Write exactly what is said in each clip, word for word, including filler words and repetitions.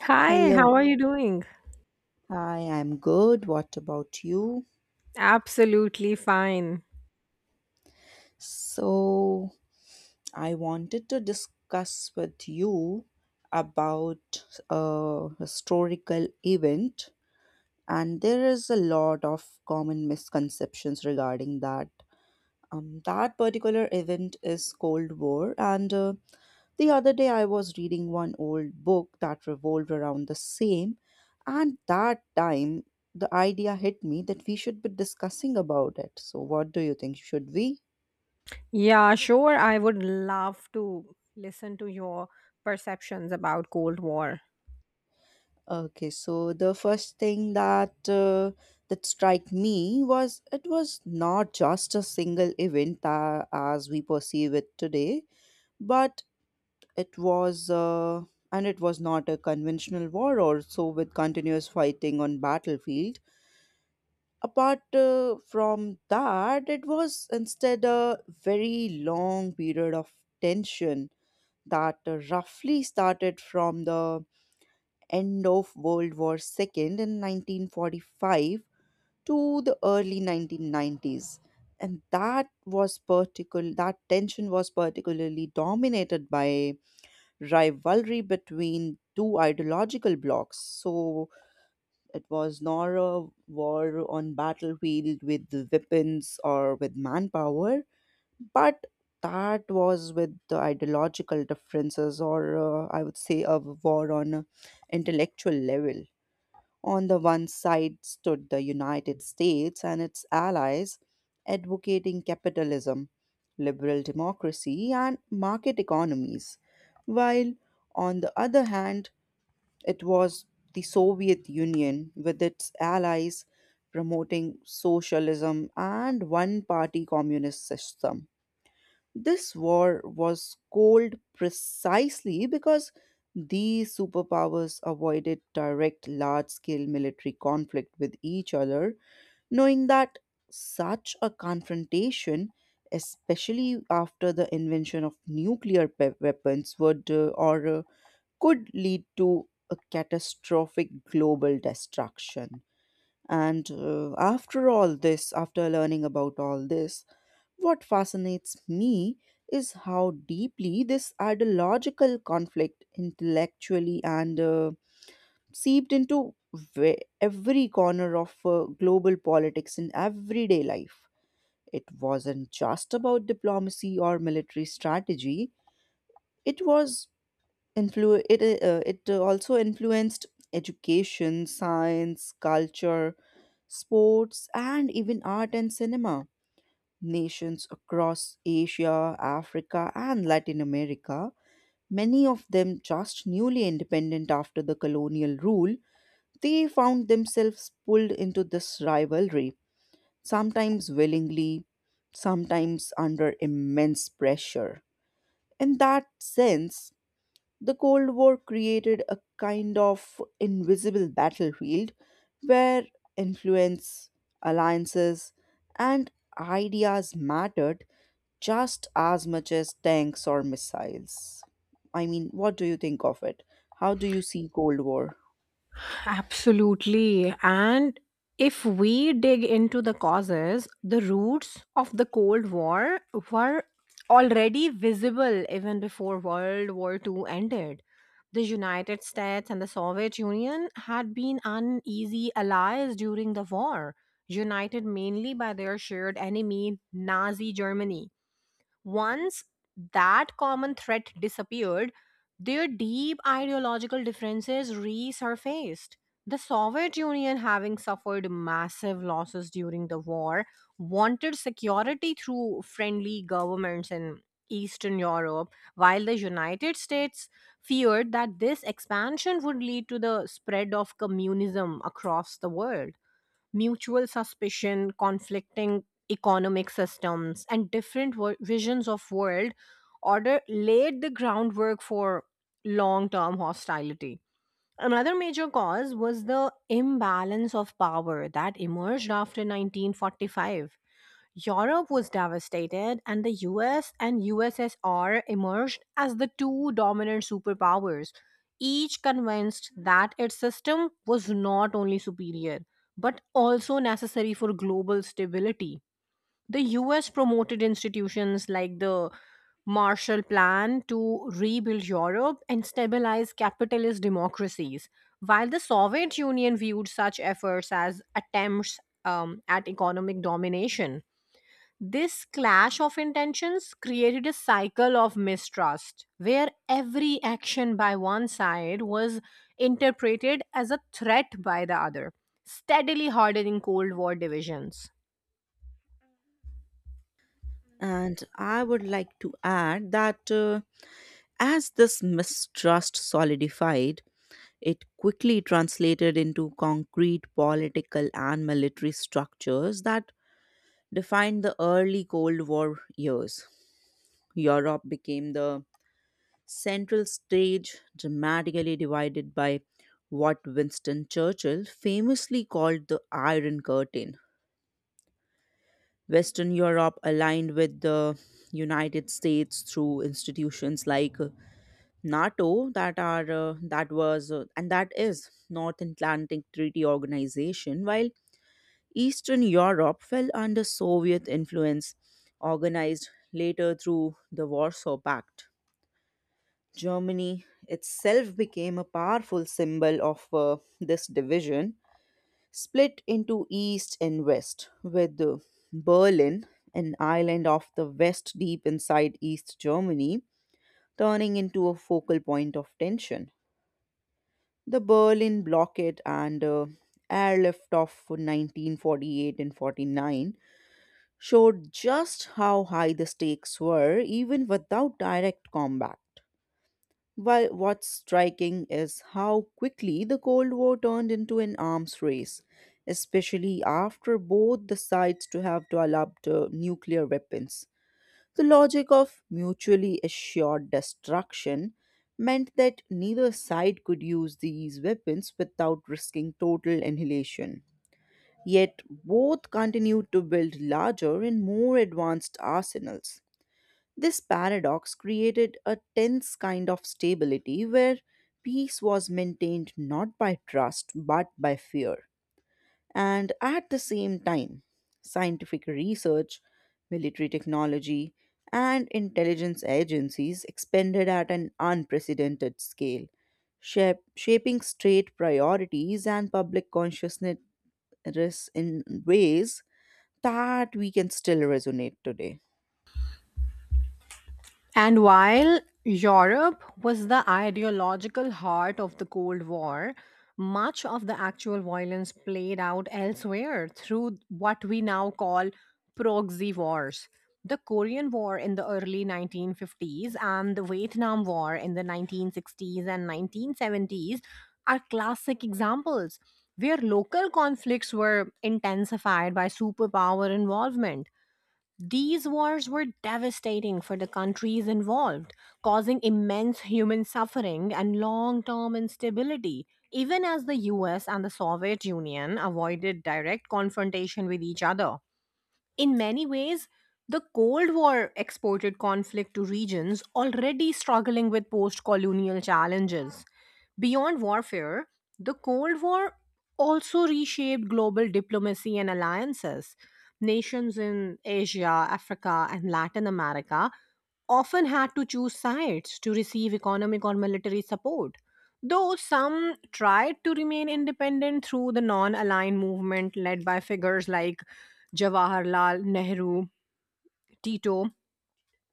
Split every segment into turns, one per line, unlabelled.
Hi,
Hello.
how are you doing?
Hi, I'm good. What about you?
Absolutely fine.
So, I wanted to discuss with you about a historical event, and there is a lot of common misconceptions regarding that. Um, that particular event is Cold War, and uh, the other day, I was reading one old book that revolved around the same, and that time the idea hit me that we should be discussing about it. So, what do you think? Should we?
Yeah, sure. I would love to listen to your perceptions about Cold War.
Okay, so the first thing that uh, that strike me was it was not just a single event uh, as we perceive it today, but it was uh, and it was not a conventional war also with continuous fighting on battlefield apart uh, from that, it was instead a very long period of tension that roughly started from the end of World War two in nineteen forty-five to the early nineteen nineties. And that was particular that tension was particularly dominated by rivalry between two ideological blocs. So it was not a war on battlefield with weapons or with manpower, but that was with the ideological differences, or uh, I would say a war on a intellectual level. On the one side stood the United States and its allies advocating capitalism, liberal democracy, and market economies, while on the other hand, it was the Soviet Union with its allies promoting socialism and one party communist system. This war was called precisely because these superpowers avoided direct large scale military conflict with each other, knowing that such a confrontation, especially after the invention of nuclear pe- weapons, would uh, or uh, could lead to a catastrophic global destruction. And uh, after all this, after learning about all this, what fascinates me is how deeply this ideological conflict intellectually and uh, seeped into ve- every corner of uh, global politics in everyday life. It wasn't just about diplomacy or military strategy, it was Influ it uh, it also influenced education, science, culture, sports, and even art and cinema. Nations across Asia, Africa, and Latin America, many of them just newly independent after the colonial rule, they found themselves pulled into this rivalry, sometimes willingly, sometimes under immense pressure. In that sense, the Cold War created a kind of invisible battlefield where influence, alliances, and ideas mattered just as much as tanks or missiles. I mean, what do you think of it? How do you see Cold War?
Absolutely. And if we dig into the causes, the roots of the Cold War were already visible even before World War two ended. The United States and the Soviet Union had been uneasy allies during the war, united mainly by their shared enemy, Nazi Germany. Once that common threat disappeared, their deep ideological differences resurfaced. The Soviet Union, having suffered massive losses during the war, wanted security through friendly governments in Eastern Europe, while the United States feared that this expansion would lead to the spread of communism across the world. Mutual suspicion, conflicting economic systems, and different wo- visions of world order laid the groundwork for long-term hostility. Another major cause was the imbalance of power that emerged after nineteen forty-five. Europe was devastated, and the U S and U S S R emerged as the two dominant superpowers, each convinced that its system was not only superior but also necessary for global stability. The U S promoted institutions like the Marshall Plan to rebuild Europe and stabilize capitalist democracies, while the Soviet Union viewed such efforts as attempts, um, at economic domination. This clash of intentions created a cycle of mistrust where every action by one side was interpreted as a threat by the other, steadily hardening Cold War divisions.
And I would like to add that uh, as this mistrust solidified, it quickly translated into concrete political and military structures that defined the early Cold War years. Europe became the central stage, dramatically divided by what Winston Churchill famously called the Iron Curtain. Western Europe aligned with the United States through institutions like uh, NATO that are uh, that was uh, and that is North Atlantic Treaty Organization, while Eastern Europe fell under Soviet influence, organized later through the Warsaw Pact. Germany itself became a powerful symbol of uh, this division, split into East and West, with uh, Berlin, an island of the West deep inside East Germany, turning into a focal point of tension. The Berlin blockade and uh, airlift of nineteen forty-eight and forty-nine showed just how high the stakes were even without direct combat. While what's striking is how quickly the Cold War turned into an arms race, especially after both the sides to have developed uh, nuclear weapons. The logic of mutually assured destruction meant that neither side could use these weapons without risking total annihilation. Yet both continued to build larger and more advanced arsenals. This paradox created a tense kind of stability where peace was maintained not by trust but by fear. And at the same time, scientific research, military technology, and intelligence agencies expanded at an unprecedented scale, shape, shaping state priorities and public consciousness in ways that we can still resonate today.
And while Europe was the ideological heart of the Cold War, much of the actual violence played out elsewhere through what we now call proxy wars. The Korean War in the early nineteen fifties and the Vietnam War in the nineteen sixties and nineteen seventies are classic examples where local conflicts were intensified by superpower involvement. These wars were devastating for the countries involved, causing immense human suffering and long term instability. Even as the U S and the Soviet Union avoided direct confrontation with each other, in many ways, the Cold War exported conflict to regions already struggling with post colonial challenges. Beyond warfare, the Cold War also reshaped global diplomacy and alliances. Nations in Asia, Africa, and Latin America often had to choose sides to receive economic or military support. Though some tried to remain independent through the non aligned movement led by figures like Jawaharlal Nehru, Tito,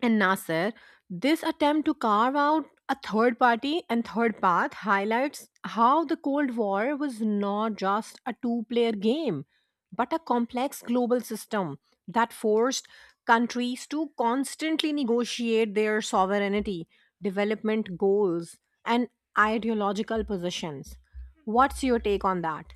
and Nasser, this attempt to carve out a third party and third path highlights how the Cold War was not just a two player game, but a complex global system that forced countries to constantly negotiate their sovereignty, development goals, and ideological positions. What's your take on that?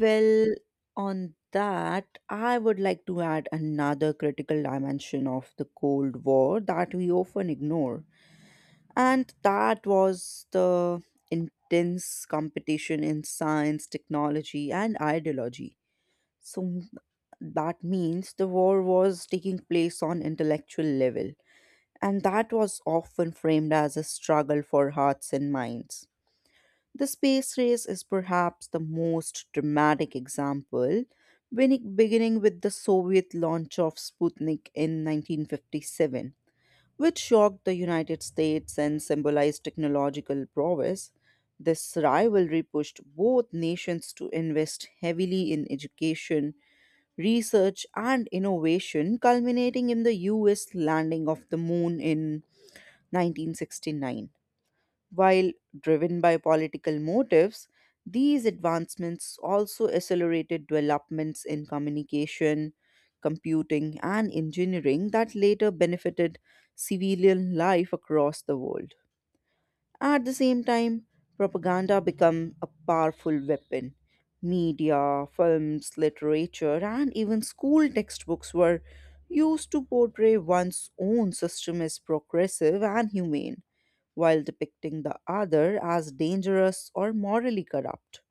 Well, on that, I would like to add another critical dimension of the Cold War that we often ignore. And that was the intense competition in science, technology, and ideology. So m- that means the war was taking place on intellectual level. And that was often framed as a struggle for hearts and minds. The space race is perhaps the most dramatic example, beginning beginning with the Soviet launch of Sputnik in nineteen fifty-seven, which shocked the United States and symbolized technological prowess. This rivalry pushed both nations to invest heavily in education, research, and innovation, culminating in the U S landing of the moon in nineteen sixty-nine. While driven by political motives, these advancements also accelerated developments in communication, computing, and engineering that later benefited civilian life across the world. At the same time, propaganda became a powerful weapon. Media, films, literature, and even school textbooks were used to portray one's own system as progressive and humane while depicting the other as dangerous or morally corrupt.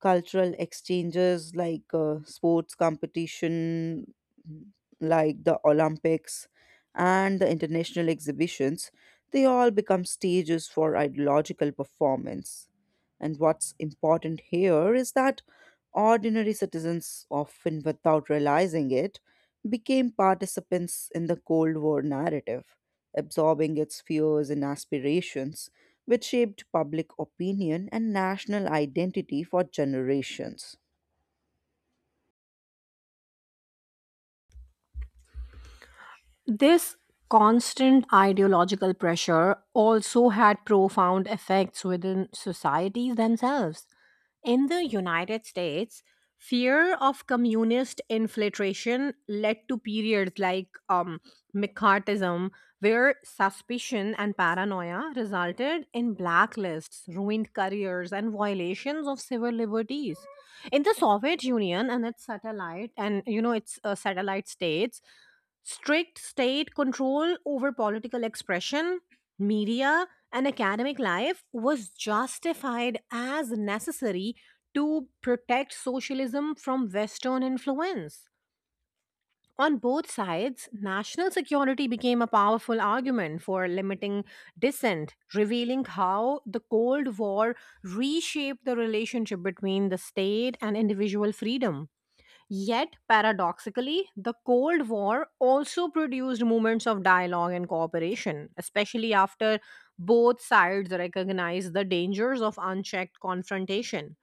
Cultural exchanges like uh, sports competition, like the Olympics, and the international exhibitions, they all become stages for ideological performance. And what's important here is that ordinary citizens, often without realizing it, became participants in the Cold War narrative, absorbing its fears and aspirations, which shaped public opinion and national identity for generations.
This constant ideological pressure also had profound effects within societies themselves. In the United States, fear of communist infiltration led to periods like, um, McCarthyism, where suspicion and paranoia resulted in blacklists, ruined careers, and violations of civil liberties. In the Soviet Union and its satellite, and you know its uh, satellite states, strict state control over political expression, media, and academic life was justified as necessary to protect socialism from Western influence. On both sides, national security became a powerful argument for limiting dissent, revealing how the Cold War reshaped the relationship between the state and individual freedom. Yet, paradoxically, the Cold War also produced moments of dialogue and cooperation, especially after both sides recognized the dangers of unchecked confrontation.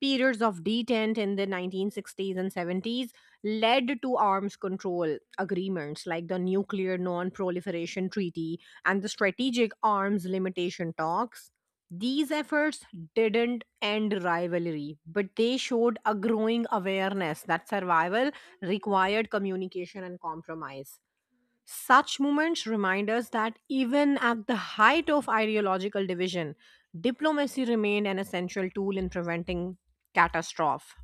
Periods of detente in the nineteen sixties and seventies led to arms control agreements like the Nuclear Non Proliferation Treaty and the Strategic Arms Limitation Talks. These efforts didn't end rivalry, but they showed a growing awareness that survival required communication and compromise. Such moments remind us that even at the height of ideological division, diplomacy remained an essential tool in preventing catastrophe.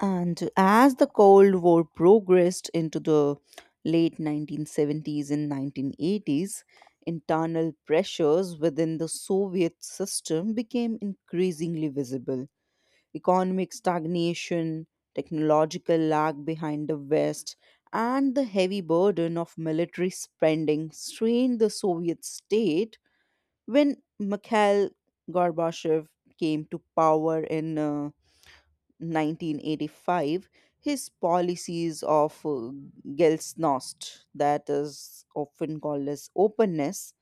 And as the Cold War progressed into the late nineteen seventies and nineteen eighties, internal pressures within the Soviet system became increasingly visible economic stagnation, technological lag behind the West, and the heavy burden of military spending strained the Soviet state when Mikhail Gorbachev came to power in uh, nineteen eighty-five. His policies of uh, gelsnost, that is often called as openness,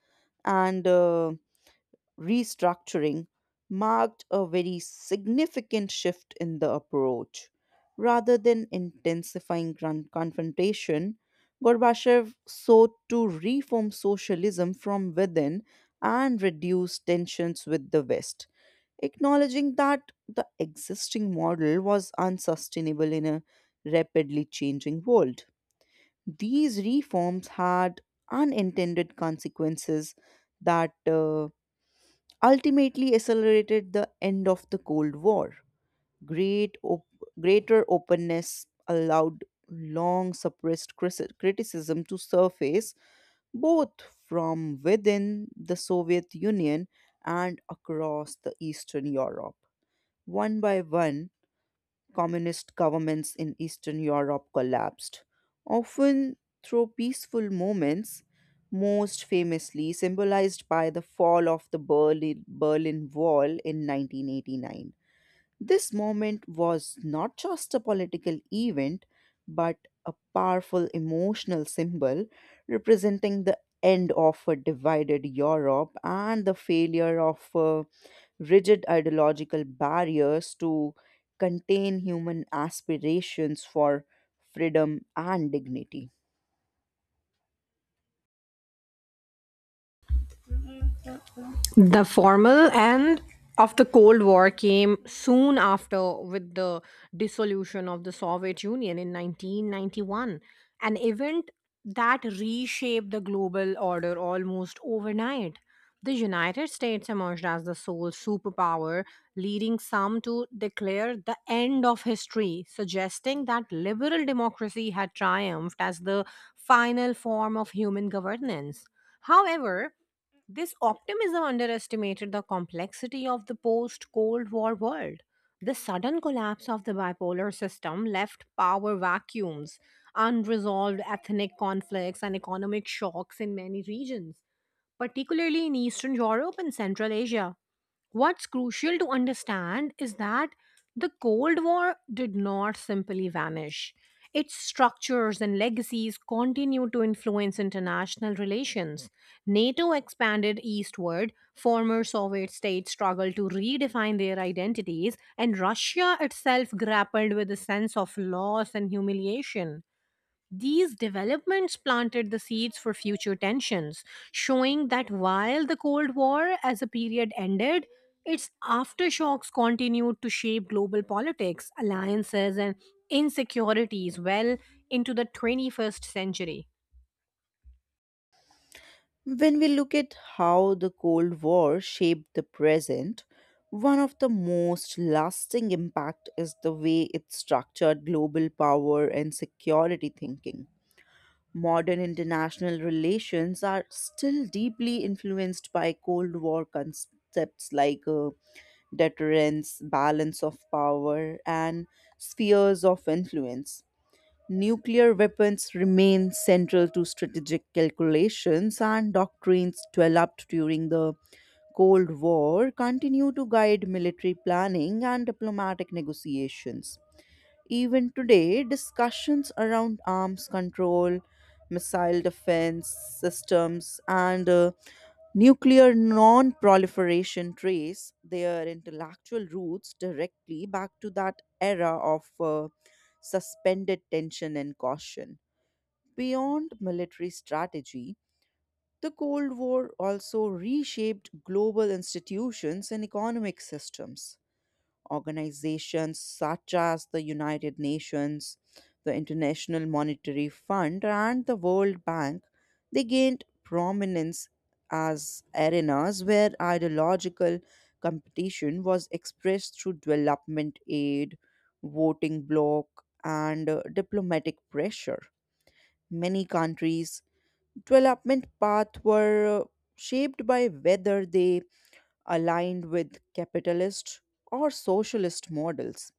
and uh, restructuring marked a very significant shift in the approach. Rather than intensifying gran- confrontation, Gorbachev sought to reform socialism from within and reduce tensions with the West, acknowledging that the existing model was unsustainable in a rapidly changing world. These reforms had unintended consequences that uh, ultimately accelerated the end of the Cold War. Great op- Greater openness allowed long suppressed crisi- criticism to surface both from within the Soviet Union and across the Eastern Europe. One by one, communist governments in Eastern Europe collapsed, often through peaceful moments, most famously symbolized by the fall of the Berlin, Berlin Wall in nineteen eighty-nine. This moment was not just a political event, but a powerful emotional symbol representing the end of a divided Europe and the failure of uh, rigid ideological barriers to contain human aspirations for freedom and dignity.
The formal end of the Cold War came soon after with the dissolution of the Soviet Union in nineteen ninety-one, an event that reshaped the global order almost overnight. The United States emerged as the sole superpower, leading some to declare the end of history, suggesting that liberal democracy had triumphed as the final form of human governance. However, this optimism underestimated the complexity of the post Cold War world. The sudden collapse of the bipolar system left power vacuums, unresolved ethnic conflicts, and economic shocks in many regions, particularly in Eastern Europe and Central Asia. What's crucial to understand is that the Cold War did not simply vanish. Its structures and legacies continue to influence international relations. NATO expanded eastward, former Soviet states struggled to redefine their identities, and Russia itself grappled with a sense of loss and humiliation. These developments planted the seeds for future tensions, showing that while the Cold War as a period ended, its aftershocks continued to shape global politics, alliances, and insecurities well into the twenty-first century.
When we look at how the Cold War shaped the present, one of the most lasting impact is the way it structured global power and security thinking. Modern international relations are still deeply influenced by Cold War concepts like uh, deterrence, balance of power, and spheres of influence. Nuclear weapons remain central to strategic calculations, and doctrines developed during the Cold War continue to guide military planning and diplomatic negotiations. Even today, discussions around arms control, missile defense systems, and uh, nuclear non proliferation trace their intellectual roots directly back to that era of uh, suspended tension and caution. Beyond military strategy, the Cold War also reshaped global institutions and economic systems. Organizations such as the United Nations, the International Monetary Fund, and the World Bank, they gained prominence as arenas where ideological competition was expressed through development aid, voting bloc, and uh, diplomatic pressure. Many countries development paths were uh, shaped by whether they aligned with capitalist or socialist models,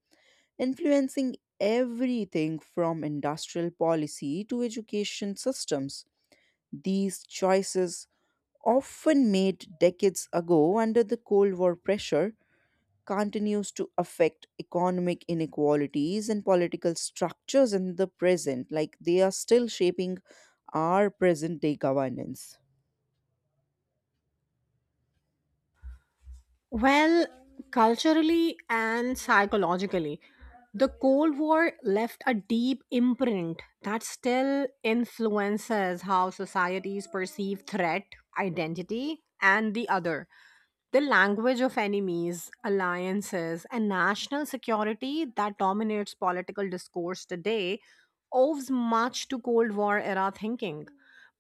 influencing everything from industrial policy to education systems. These choices, often made decades ago under the Cold War pressure, continues to affect economic inequalities and political structures in the present, like they are still shaping our present day governance.
Well, culturally and psychologically, the Cold War left a deep imprint that still influences how societies perceive threat, identity, and the other. The language of enemies, alliances, and national security that dominates political discourse today owes much to Cold War era thinking.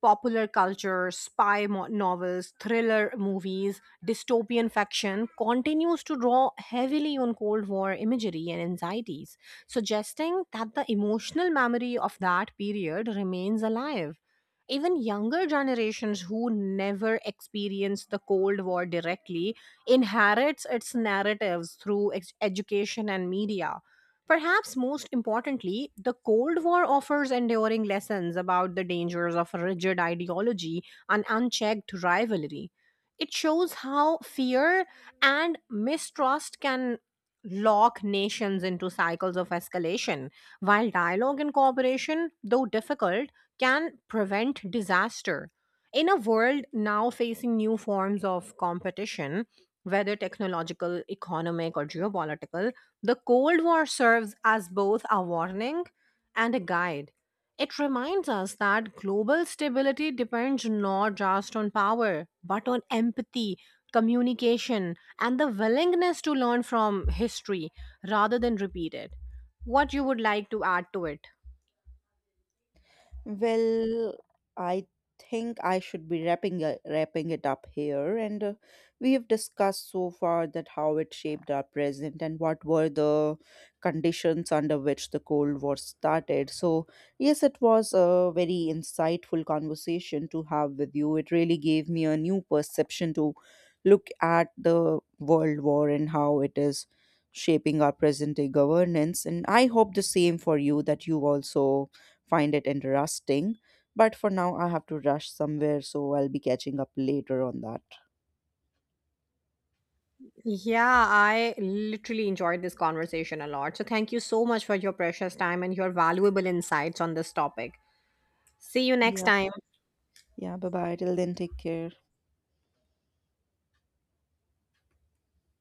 Popular culture, spy mo- novels, thriller movies, dystopian fiction continues to draw heavily on Cold War imagery and anxieties, suggesting that the emotional memory of that period remains alive. Even younger generations who never experienced the cold war directly inherits its narratives through ex- education and media. Perhaps most importantly, the cold war offers enduring lessons about the dangers of rigid ideology and unchecked rivalry. It shows how fear and mistrust can lock nations into cycles of escalation, while dialogue and cooperation, though difficult, can prevent disaster. In a world now facing new forms of competition, whether technological, economic, or geopolitical, the Cold War serves as both a warning and a guide. It reminds us that global stability depends not just on power, but on empathy, communication, and the willingness to learn from history rather than repeat it. What you would like to add to it?
Well, I think I should be wrapping it, wrapping it up here. And uh, we have discussed so far that how it shaped our present and what were the conditions under which the Cold War started. So, yes, it was a very insightful conversation to have with you. It really gave me a new perception to look at the World War and how it is shaping our present day governance. And I hope the same for you that you also find it interesting. But for now, I have to rush somewhere, so I'll be catching up later on that.
Yeah, I literally enjoyed this conversation a lot. So thank you so much for your precious time and your valuable insights on this topic. See you next
Yeah.
time.
Yeah, bye bye. Till then, take care.